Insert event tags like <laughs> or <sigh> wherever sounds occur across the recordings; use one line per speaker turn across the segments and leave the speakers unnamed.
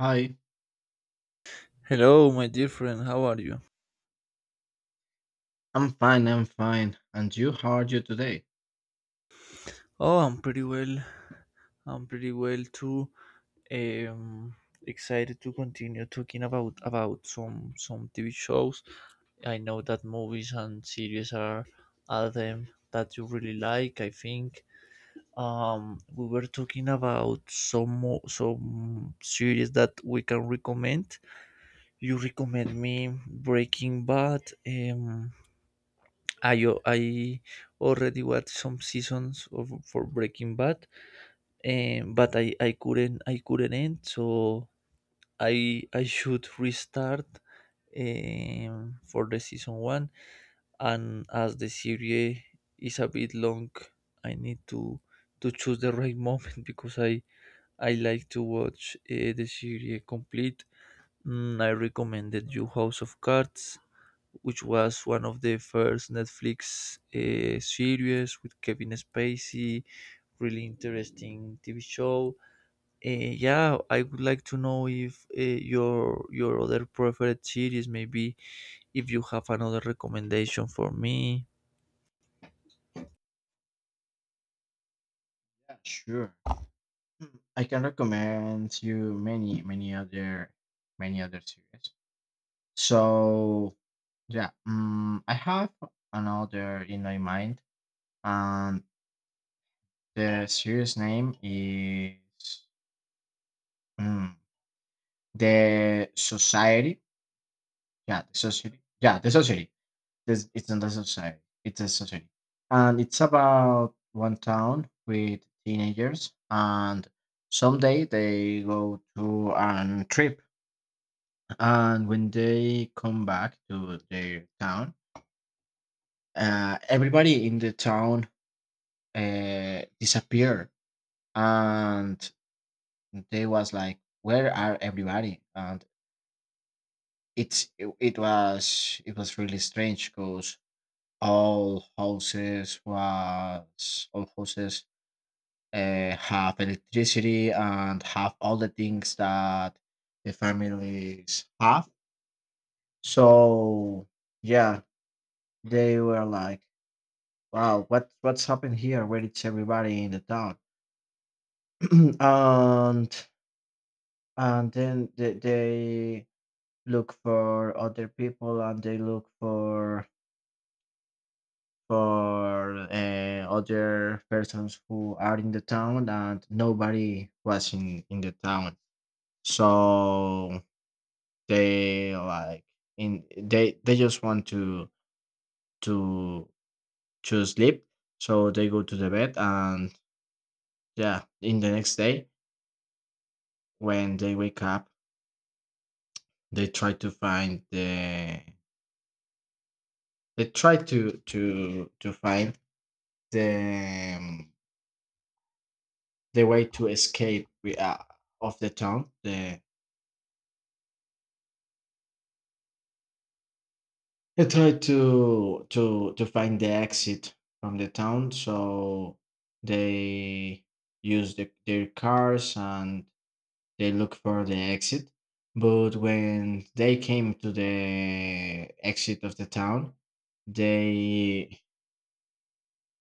Hi,
Hello, my dear friend. How are you?
I'm fine, I'm fine. And you, how are you today?
Oh, I'm pretty well. I'm pretty well too. Um, Excited to continue talking about some TV shows. I know that movies and series are them that you really like, I think. We were talking about some series that we can recommend. You recommend me Breaking Bad. I already watched some seasons of for Breaking Bad, but I couldn't end, so I should restart for the season one, and as the series is a bit long, I need to choose the right moment <laughs> because I like to watch the series complete. I recommended you House of Cards, which was one of the first Netflix series with Kevin Spacey. Really interesting TV show. Yeah, I would like to know if your other preferred series, maybe, if you have another recommendation for me.
Yeah, sure. Hmm, I can recommend you many, many other series. So yeah, I have another in my mind, and the series name is mm, the Society. Yeah, the Society. Yeah, the Society. It's a society. It's a society, and it's about one town with teenagers, and someday they go to a trip, and when they come back to their town, everybody in the town disappear, and they was like, "Where are everybody?" And it was really strange because all houses was all houses have electricity and have all the things that the families have. So yeah, they were like, "Wow, what's happened here? Where is everybody in the town?" <clears throat> and and then they look for other people and they look for other persons who are in the town and nobody was in the town. So They like in they just want to to sleep, so they go to the bed and yeah, in the next day when they wake up, they try to find the they try to find the um, the way to escape of the town. They try to find the exit from the town, so they use their cars and they look for the exit. But when they came to the exit of the town, they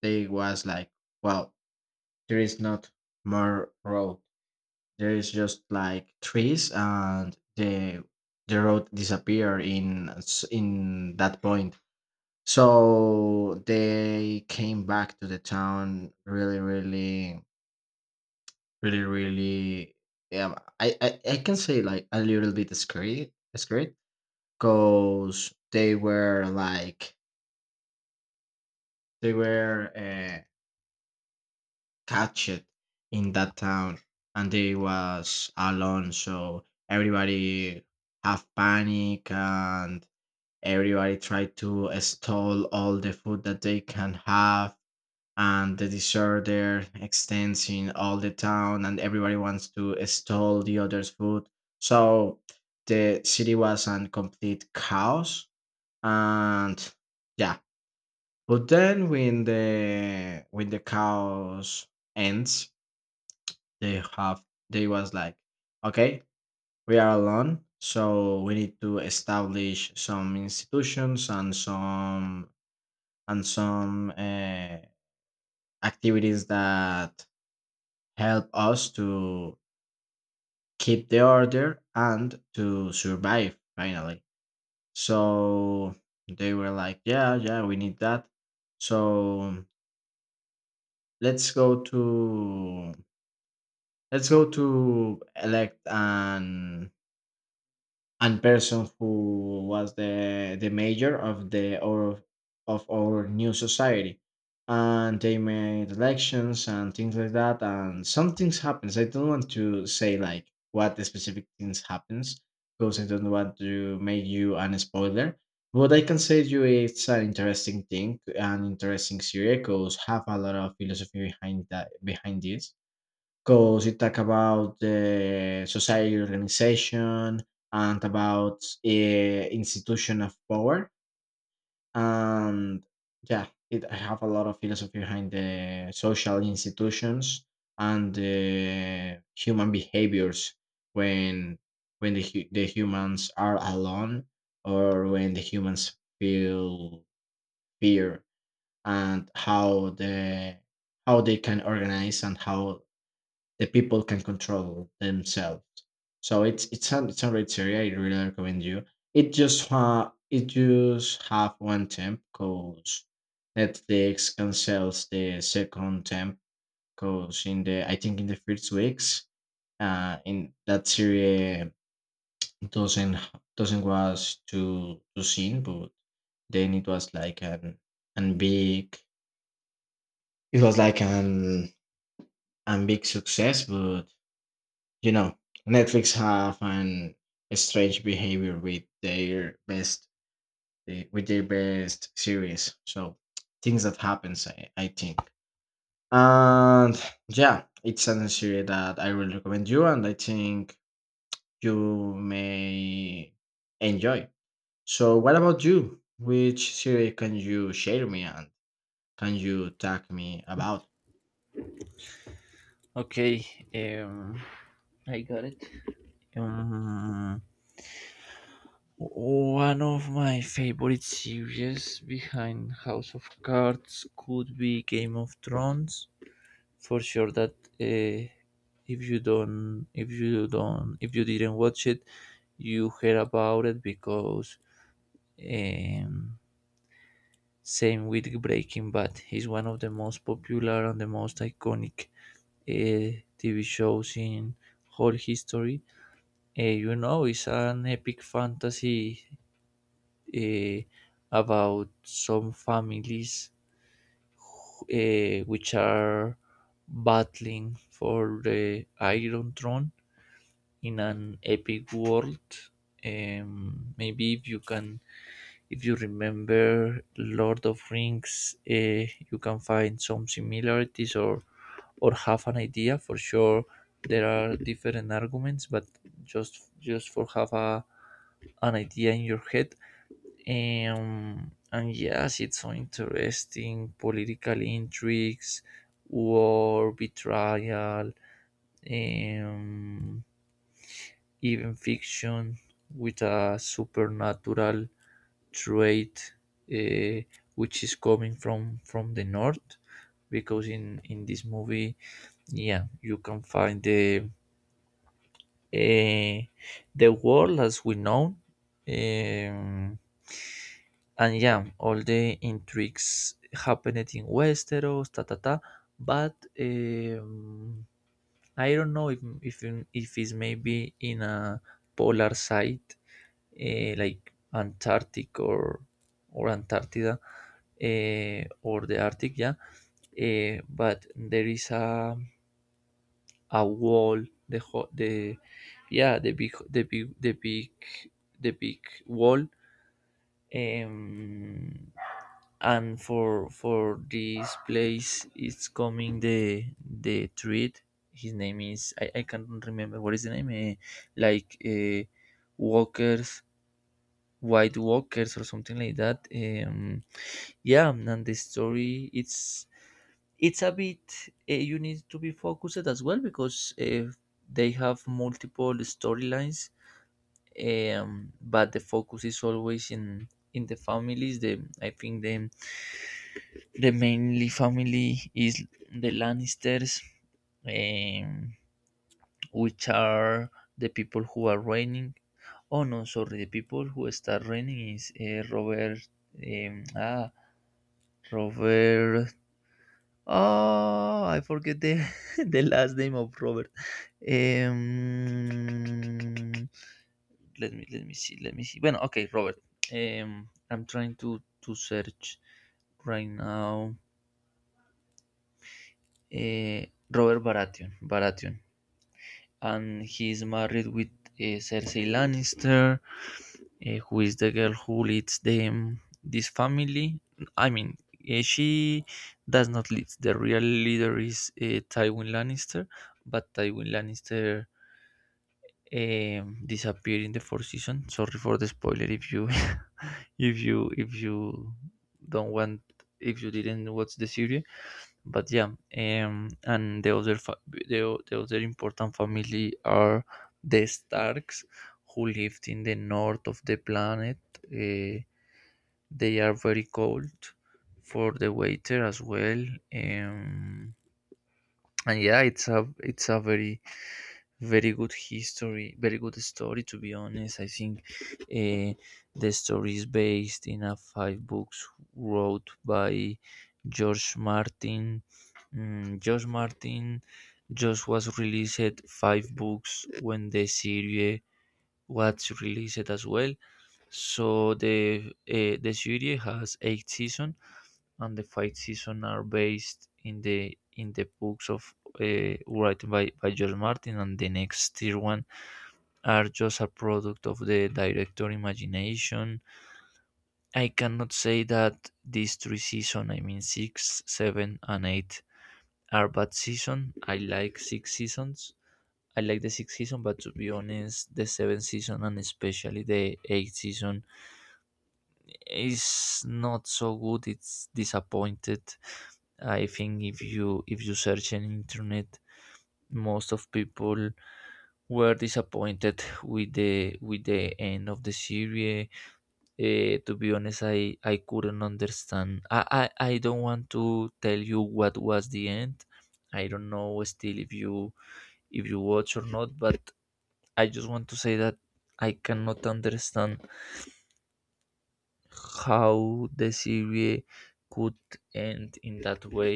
they was like, well, there is not more road. There is just like trees and the road disappear in that point. So they came back to the town really, really, really, really. Yeah, I can say like a little bit scared, scared because they were catched in that town and they was alone, so everybody have panic and everybody try to stall all the food that they can have, and the disorder extends in all the town and everybody wants to stall the other's food. So the city was in complete chaos. And yeah, but then when the chaos ends, they have they was like, okay, we are alone, so we need to establish some institutions and some activities that help us to keep the order and to survive finally. So they were like, yeah, yeah, we need that. So let's go to let's go to elect an person who was the mayor of the or of our new society, and they made elections and things like that, and some things happens. I don't want to say like what the specific things happens because I don't want to make you an spoiler. What I can say to you, it's an interesting thing, an interesting series, because have a lot of philosophy behind that behind this. 'Cause it talk about the society organization and about, institution of power, and yeah, it I have a lot of philosophy behind the social institutions and the human behaviors when when the humans are alone, or when the humans feel fear, and how the how they can organize and how the people can control themselves. So it's a great series. I really recommend you. It just have one temp, cause Netflix cancels the second temp cause in the I think in the first weeks in that series doesn't doesn't was too seen, but then an big it was like an big success. But you know, Netflix have an strange behavior with their with their best series. So things that happens, I think. And yeah, it's a series that I will recommend you, and I think you may enjoy. So, what about you? Which series can you share me and can you talk me about?
Okay, um, I got it. Mm, One of my favorite series behind House of Cards could be Game of Thrones. For sure that, uh, if you didn't watch it, you heard about it because, um, same with Breaking Bad. It's one of the most popular and the most iconic TV shows in whole history. It's an epic fantasy, uh, about some families, which are battling for the Iron Throne in an epic world. Maybe, if you can, if you remember Lord of Rings, you can find some similarities, or have an idea. For sure, there are different arguments, but just for have a an idea in your head. And yes, it's so interesting: political intrigues, war, betrayal, um, even fiction with a supernatural trait, uh, which is coming from the north, because in this movie, yeah, you can find the, uh, world as we know. Um, And yeah, all the intrigues happened in Westeros, ta ta ta. But um, I don't know if, it's maybe in a polar site, like Antarctic, or Antarctica, or the Arctic, yeah. But there is a wall, the yeah, the big wall. Um, and for this place it's coming the treat. His name is, I can't remember what is the name, like, walkers white walkers or something like that. Yeah, and the story, it's a bit, you need to be focused as well, because they have multiple storylines. But the focus is always in the families, the, I think, the mainly family is the Lannisters, um, which are the people who are reigning. Oh no, sorry, the people who start reigning is, Robert. Um, ah, Robert. Oh, I forget the <laughs> the last name of Robert. Um, let me see. Bueno, okay, Robert. I'm trying to search right now. uh, Robert Baratheon. And he's married with, Cersei Lannister, who is the girl who leads them this family. I mean, she does not lead. The real leader is, Tywin Lannister, but Tywin Lannister, disappeared in the fourth season. Sorry for the spoiler if you <laughs> if you don't want, if you didn't watch the series, but yeah, and the other important family are the Starks, who lived in the north of the planet. Uh, they are very cold for the waiter as well, um, and yeah, it's a very, very good history, very good story. To be honest, I think uh, the story is based in a five books wrote by George Martin. George Martin just was released five books when the series was released as well. So the series has eight seasons, and the five seasons are based in the books of, written by George Martin, and the next tier one are just a product of the director imagination. I cannot say that these three seasons, I mean six, seven, and eight, are bad season. I like six seasons. I like the sixth season, but to be honest, the seventh season and especially the eighth season is not so good. It's disappointed. I think, if you, search in internet, most of people were disappointed with the end of the series. To be honest, I couldn't understand. I don't want to tell you what was the end. I don't know still if you, watch or not, but I just want to say that I cannot understand how the series could end in that way.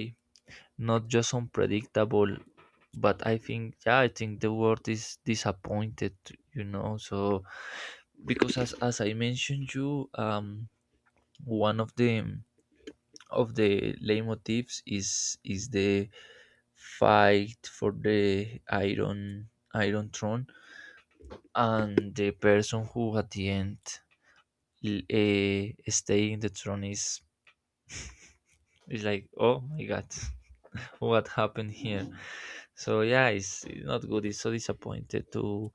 Not just unpredictable, but I think yeah, I think the word is disappointed, So, because as I mentioned you, one of the leitmotifs is the fight for the iron throne, and the person who at the end, stay in the throne is like, oh my god, <laughs> what happened here. So yeah, it's not good. It's so disappointed to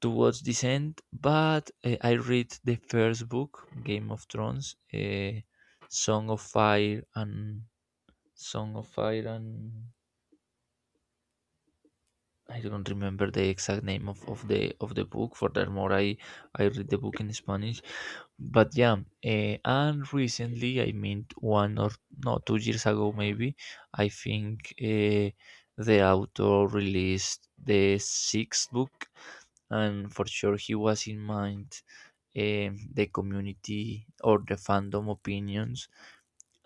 watch this end. But I read the first book, Game of Thrones, Song of Fire and, song of fire and I don't remember the exact name of the book. For that more, I read the book in Spanish. But yeah, and recently, I mean one or, no, 2 years ago maybe, I think the author released the sixth book, and for sure he was in mind, the community or the fandom opinions,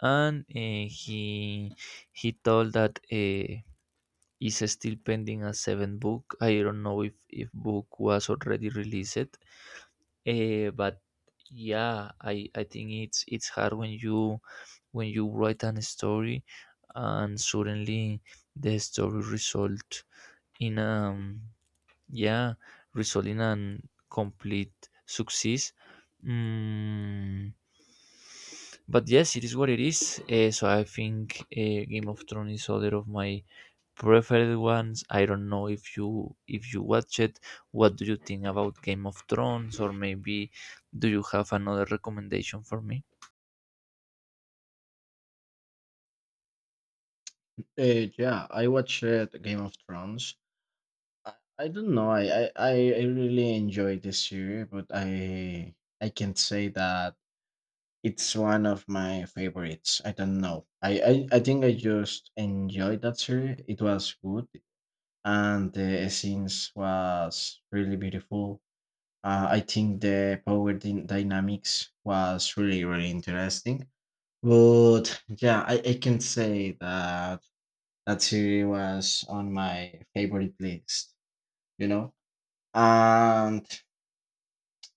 and he told that. Is still pending a seventh book. I don't know if, book was already released, but yeah, I think it's hard when you, write an story, and suddenly the story in um yeah result in an complete success. Mm, but yes, it is what it is. So I think, Game of Thrones is other of my preferred ones. I don't know if you, watch it. What do you think about Game of Thrones, or maybe do you have another recommendation for me?
Yeah, I watched Game of Thrones. I, I don't know. I really enjoy this year, but I can't say that it's one of my favorites. I don't know. I think I just enjoyed that series. It was good, and the scenes was really beautiful. I think the power dynamics was really really interesting. But yeah, I can say that series was on my favorite list. You know, and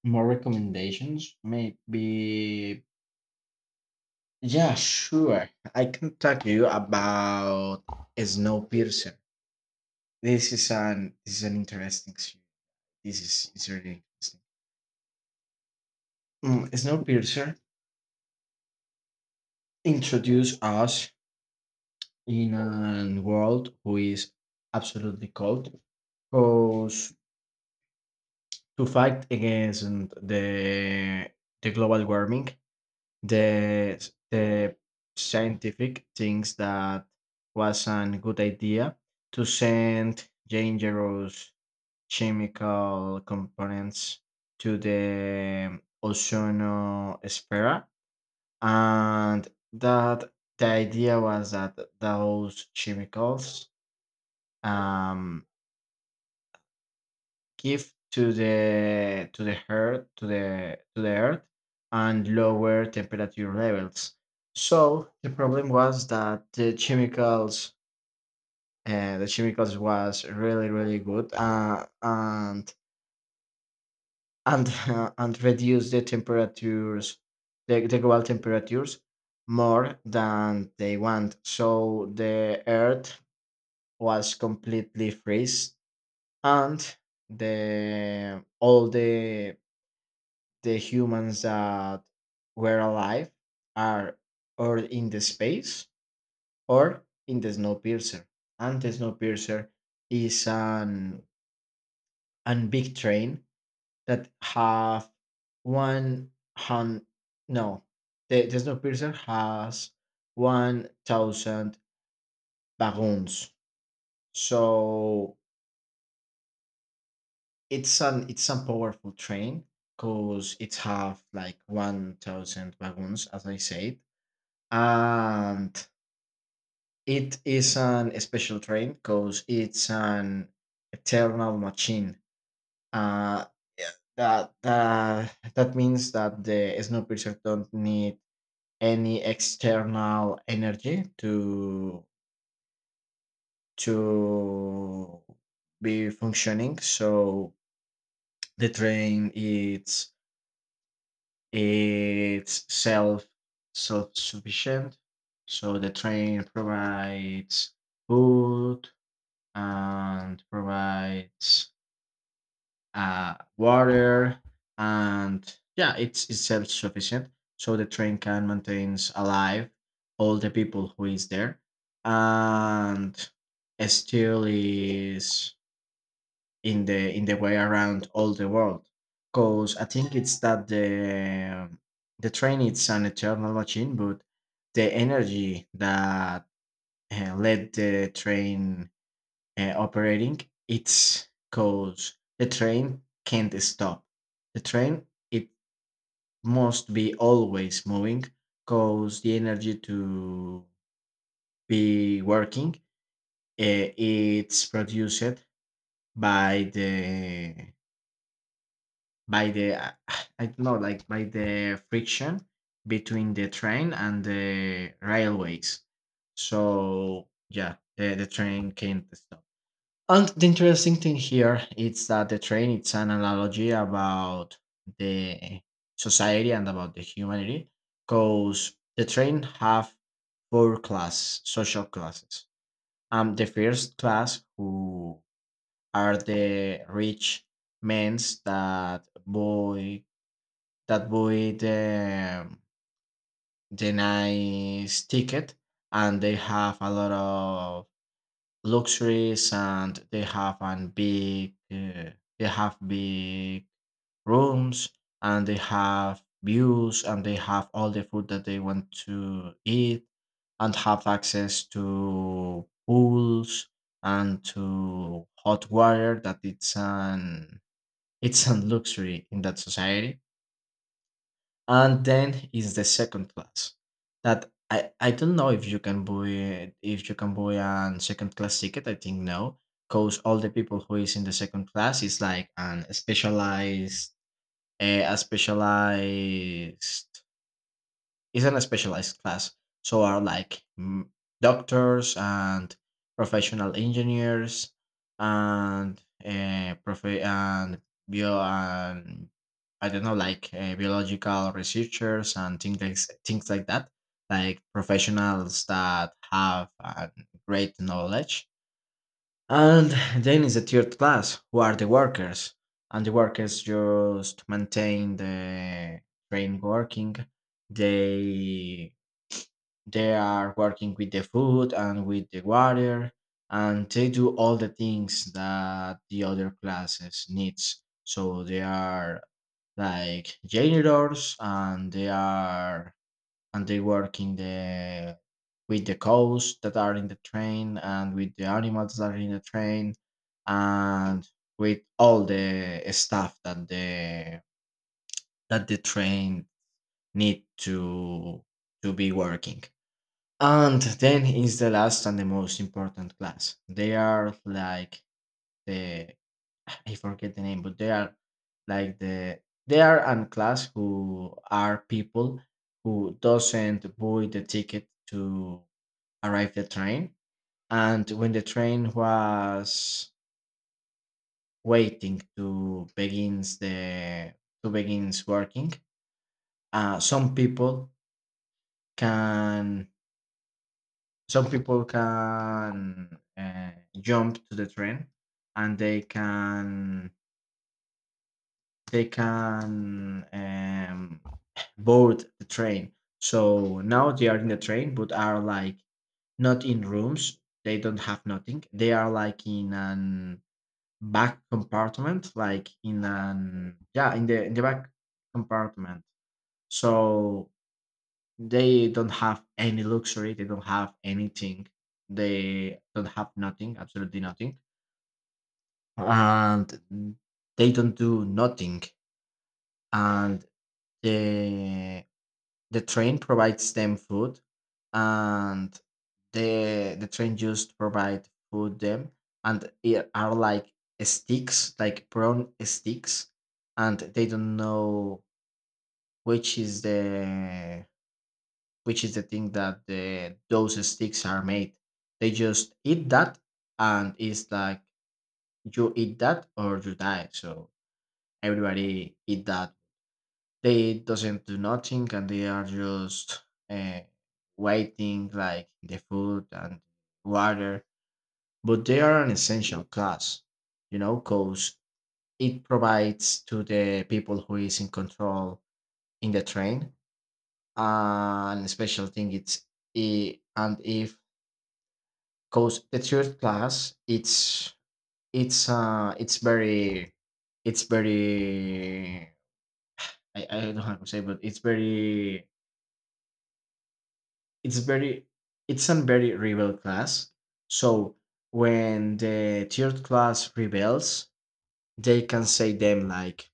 more recommendations? Maybe. Yeah, sure. I can talk to you about Snowpiercer. This is an interesting series. This is It's really interesting. Snowpiercer introduced us in a world who is absolutely cold, goes to fight against the the global warming. The the scientific thinks that was a good idea to send dangerous chemical components to the ozonosphere, and that the idea was that those chemicals, um, give to the earth and lower temperature levels. So the problem was that the chemicals was really really good, and <laughs> and reduce the temperatures, the global temperatures, more than they want. So the earth was completely freeze, and the all the humans that were alive are or in the space or in the Snowpiercer. And the Snowpiercer is an big train. That have one hun no the, the Snowpiercer has 1,000 wagons. So it's a powerful train because it have like 1,000 wagons, as I said. And it is an special train because it's an eternal machine. Uh, yeah. that uh, that means that the Snowpiercer don't need any external energy to be functioning. So the train, it's self sufficient. So the train provides food, and provides water, and yeah, it's self-sufficient. So the train can maintains alive all the people who is there, and still is in the way around all the world, because I think it's that the train is an eternal machine, but the energy that led the train operating, it's cause the train can't stop. The train it must be always moving, cause the energy to be working, it's produced by the by the <sighs> I don't know, like by the friction between the train and the railways. So yeah, the train can't stop. And the interesting thing here is that the train, it's an analogy about the society and about the humanity, because the train have four class social classes. The first class, who are the rich men's that buy the nice ticket, and they have a lot of luxuries, and they have big rooms and they have views and they have all the food that they want to eat, and have access to pools and to hot water that it's a luxury in that society. And then is the second class, that I don't know if you can if you can buy a second class ticket. I think no, because all the people who is in the second class is like an specialized a specialized it's a specialized class. So are like doctors and professional engineers and prof- and bio and I don't know, like biological researchers and things like that. Like professionals that have great knowledge. And then is the third class, who are the workers. And the workers just maintain the train working. They they are working with the food and with the water, and they do all the things that the other classes needs. So they are like janitors, and they are and they work in the with the cows that are in the train and with the animals that are in the train and with all the stuff that the train need to be working. And then is the last and the most important class. They are like the, I forget the name. But they are like the they are an class who are people who doesn't buy the ticket to arrive the train. And when the train was waiting to begins working, uh, some people can some people can jump to the train, and they can board the train. So now they are in the train, but are like not in rooms. They don't have nothing. They are like in an back compartment, like in an yeah in the back compartment. So they don't have any luxury, they don't have anything, they don't have nothing, absolutely nothing. And they don't do nothing. And the the train provides them food. And the train just provide food them, and it are like sticks, like brown sticks. And they don't know which is the, thing that the those sticks are made. They just eat that, and it's like, you eat that or you die. So everybody eat that. They doesn't do nothing, and they are just uh, waiting like the food and water. But they are an essential class, you know, because it provides to the people who is in control in the train an special thing. It's I- and if Cause the third class, it's uh it's very it's very I don't know how to say, but it's very it's a very rebel class. So when the third class rebels, they can say them like,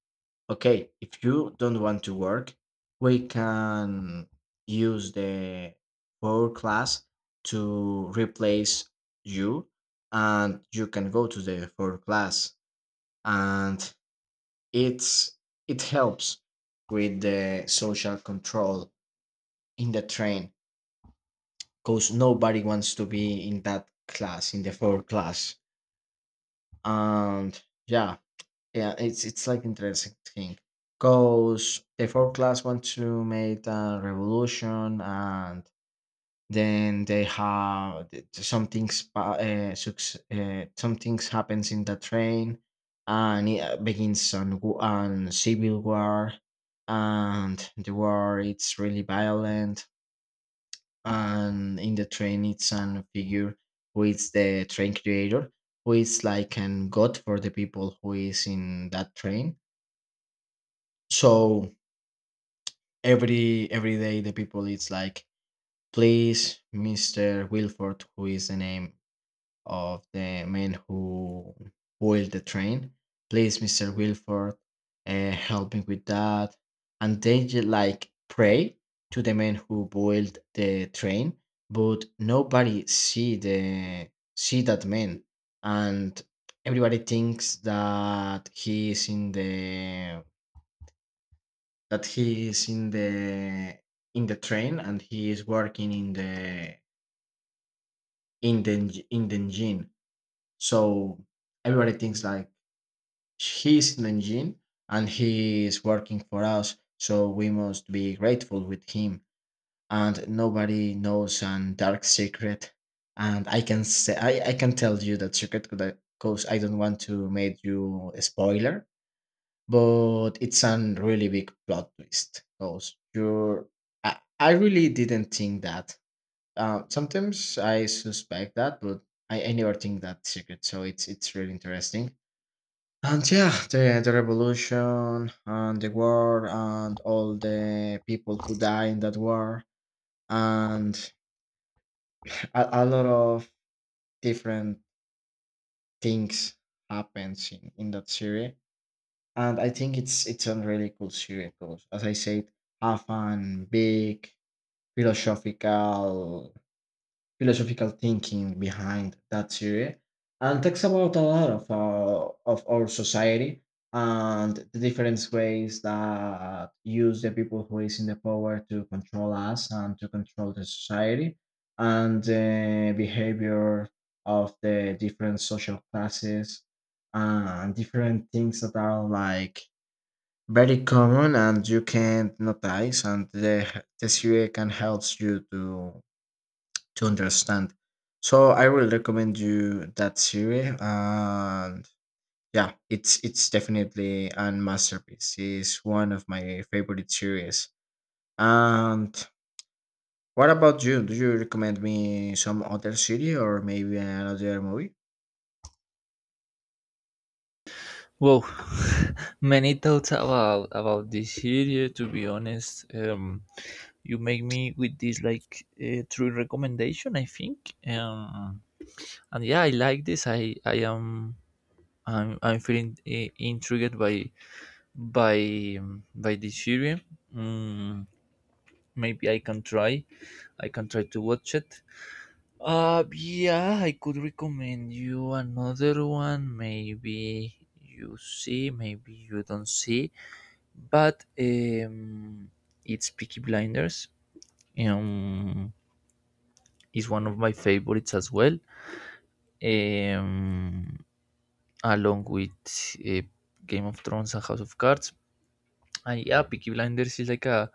okay, if you don't want to work, we can use the power class to replace you, and you can go to the power class, and it's it helps with the social control in the train because nobody wants to be in that class, in the four class. And yeah. Yeah, it's like interesting thing, cause the fourth class want to make a revolution, and then they have some things. Some things happens in the train, and it begins an an civil war, and the war it's really violent, and in the train it's an figure who is the train creator, who is like an god for the people who is in that train. So every day the people it's like, please, Mister Wilford, who is the name of the man who oiled the train. Please, Mister Wilford, help me with that. And they like pray to the man who boiled the train, but nobody see the see that man, and everybody thinks that he is in the that he is in the in the train, and he is working in the in the engine. So everybody thinks like he's in the engine and he is working for us. So we must be grateful with him. And nobody knows an dark secret. And I can say I can tell you that secret because I don't want to make you a spoiler, but it's an really big plot twist because you're I really didn't think that. Uh, sometimes I suspect that, but I never think that secret, so it's really interesting. And yeah, the revolution and the war and all the people who die in that war and a lot of different things happens in that series. And I think it's a really cool series because, as I said, have fun, big philosophical philosophical thinking behind that series, and talks about a lot of of our society and the different ways that use the people who is in the power to control us and to control the society and the behavior of the different social classes and different things that are like very common, and you can notice, and the CUA can help you to understand. So I will recommend you that series. And yeah, it's definitely a masterpiece. It's one of my favorite series. And what about you? Do you recommend me some other series or maybe another movie?
Well, <laughs> many thoughts about this series. To be honest, you make me with this like, true recommendation. I think, and yeah, I like this. I'm feeling, intrigued by by this series. Mm, Maybe I can try to watch it. Yeah, I could recommend you another one, maybe. You see, maybe you don't see, but it's Peaky Blinders. um it's one of my favorites as well, um along with, uh, Game of Thrones and House of Cards. And yeah, Peaky Blinders is like a,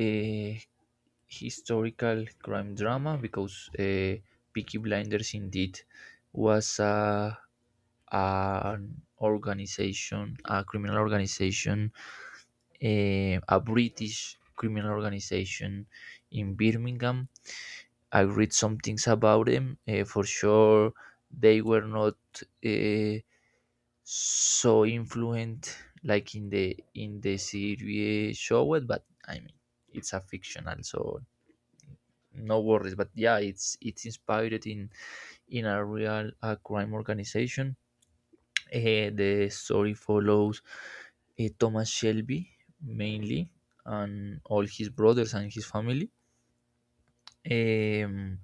uh, historical crime drama, because, Peaky Blinders indeed was a an organization, a criminal organization, a British criminal organization in Birmingham. I read some things about them. For sure, they were not, eh, so influent, like in the series showed, but I mean it's a fictional, so no worries. But yeah, it's inspired in a real, crime organization. uh, the story follows, Thomas Shelby mainly, and all his brothers and his family. um,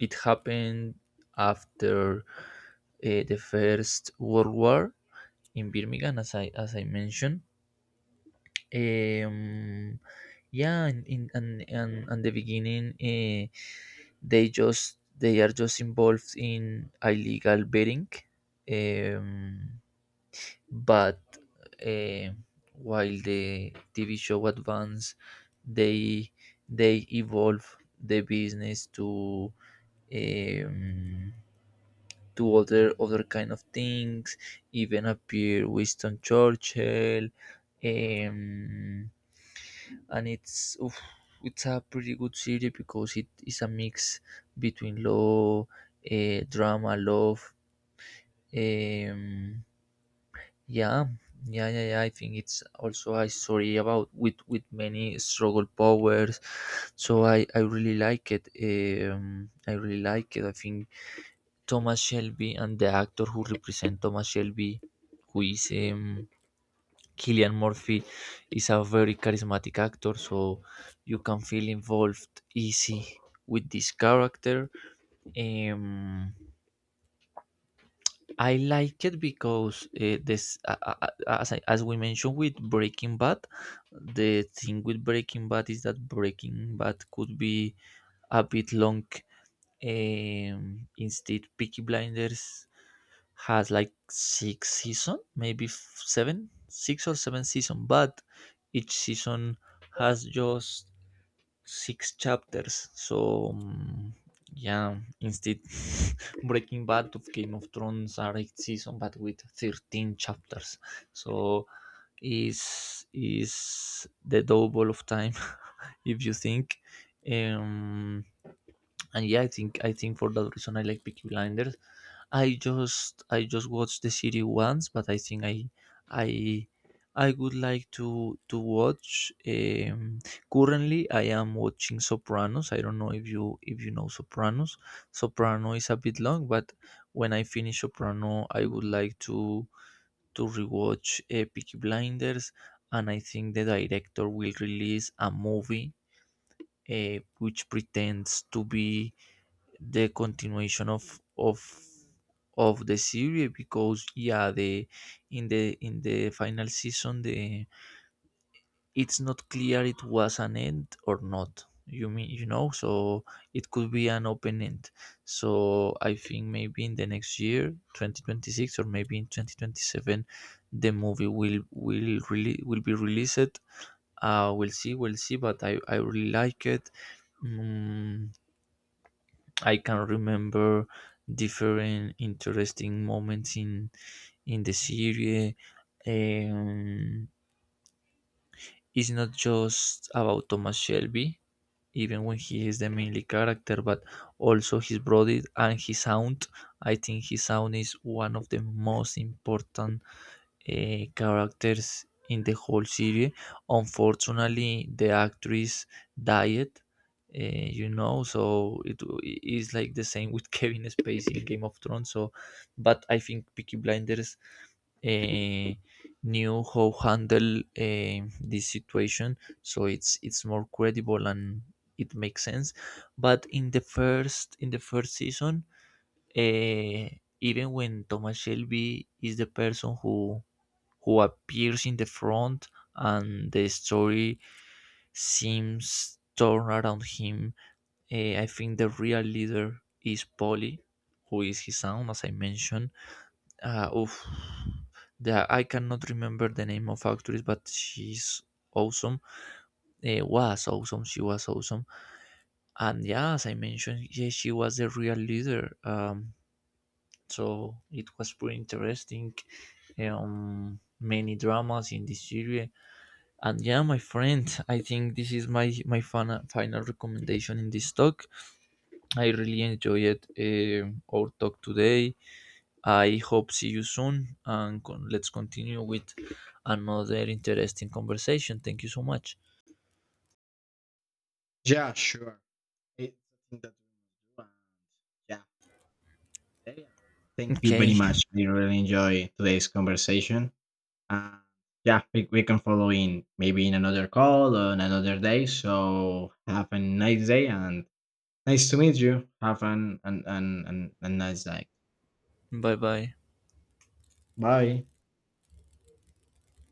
it happened after, the First World War in Birmingham, as I mentioned. Um, yeah, in and the beginning, they are just involved in illegal betting, um, but uh, while the TV show advance, they they evolve the business um, to other kind of things. Even appear Winston Churchill, um, and it's a pretty good series, because it is a mix between law, drama, love. Um, yeah, yeah, yeah, yeah. I think it's also a story about with many struggle powers, so I really like it. I really like it, I think. Thomas Shelby and the actor who represents Thomas Shelby, who is, Killian Murphy, is a very charismatic actor, so you can feel involved easy with this character. Um, I like it because, as we mentioned with Breaking Bad, the thing with Breaking Bad is that Breaking Bad could be a bit long. Instead, Peaky Blinders has like six season, maybe seven, six or seven season, but each season has just six chapters. So, yeah, instead, <laughs> Breaking Bad of Game of Thrones are eight season, but with 13 chapters. So is the double of time, <laughs> if you think. um and yeah, I think for that reason I like Peaky Blinders. I just watched the series once, but I think I I would like to watch. Currently, I am watching Sopranos. I don't know if you, know Sopranos. Soprano is a bit long, but when I finish Soprano, I would like to rewatch, Peaky Blinders, and I think the director will release a movie, which pretends to be the continuation of the series, because yeah, the in the final season, the it's not clear it was an end or not, you mean, so it could be an open end. So I think maybe in the next year, 2026, or maybe in 2027, the movie will really will be released. We'll see, but I really like it. Mm, I can remember different interesting moments in the series. Um, it's not just about Thomas Shelby, even when he is the mainly character, but also his brother and his aunt. I think his aunt is one of the most important, characters in the whole series. Unfortunately, the actress died. So it is like the same with <laughs> Kevin Spacey in Game of Thrones. So, but I think Peaky Blinders, uh, knew how handle, this situation, so it's more credible and it makes sense. But in the first season, uh, even when Thomas Shelby is the person who appears in the front, and the story seems torn around him. I think the real leader is Polly, who is his son, as I mentioned. Oof. I cannot remember the name of actress, but she's awesome. Was awesome. She was awesome. And yeah, as I mentioned, yeah, she was the real leader. So it was pretty interesting. Many dramas in this series. And yeah, my friend, I think this is my final recommendation in this talk. I really enjoyed, our talk today. I hope see you soon, and let's continue with another interesting conversation. Thank you so much.
Yeah, sure. It's something that we must do. And yeah, have a nice day. And thank you very
Okay,
much. I really enjoy today's conversation. And yeah, we can follow in maybe in another call on another day. So have a nice day and nice to meet you. Have a nice day.
bye bye.
Bye.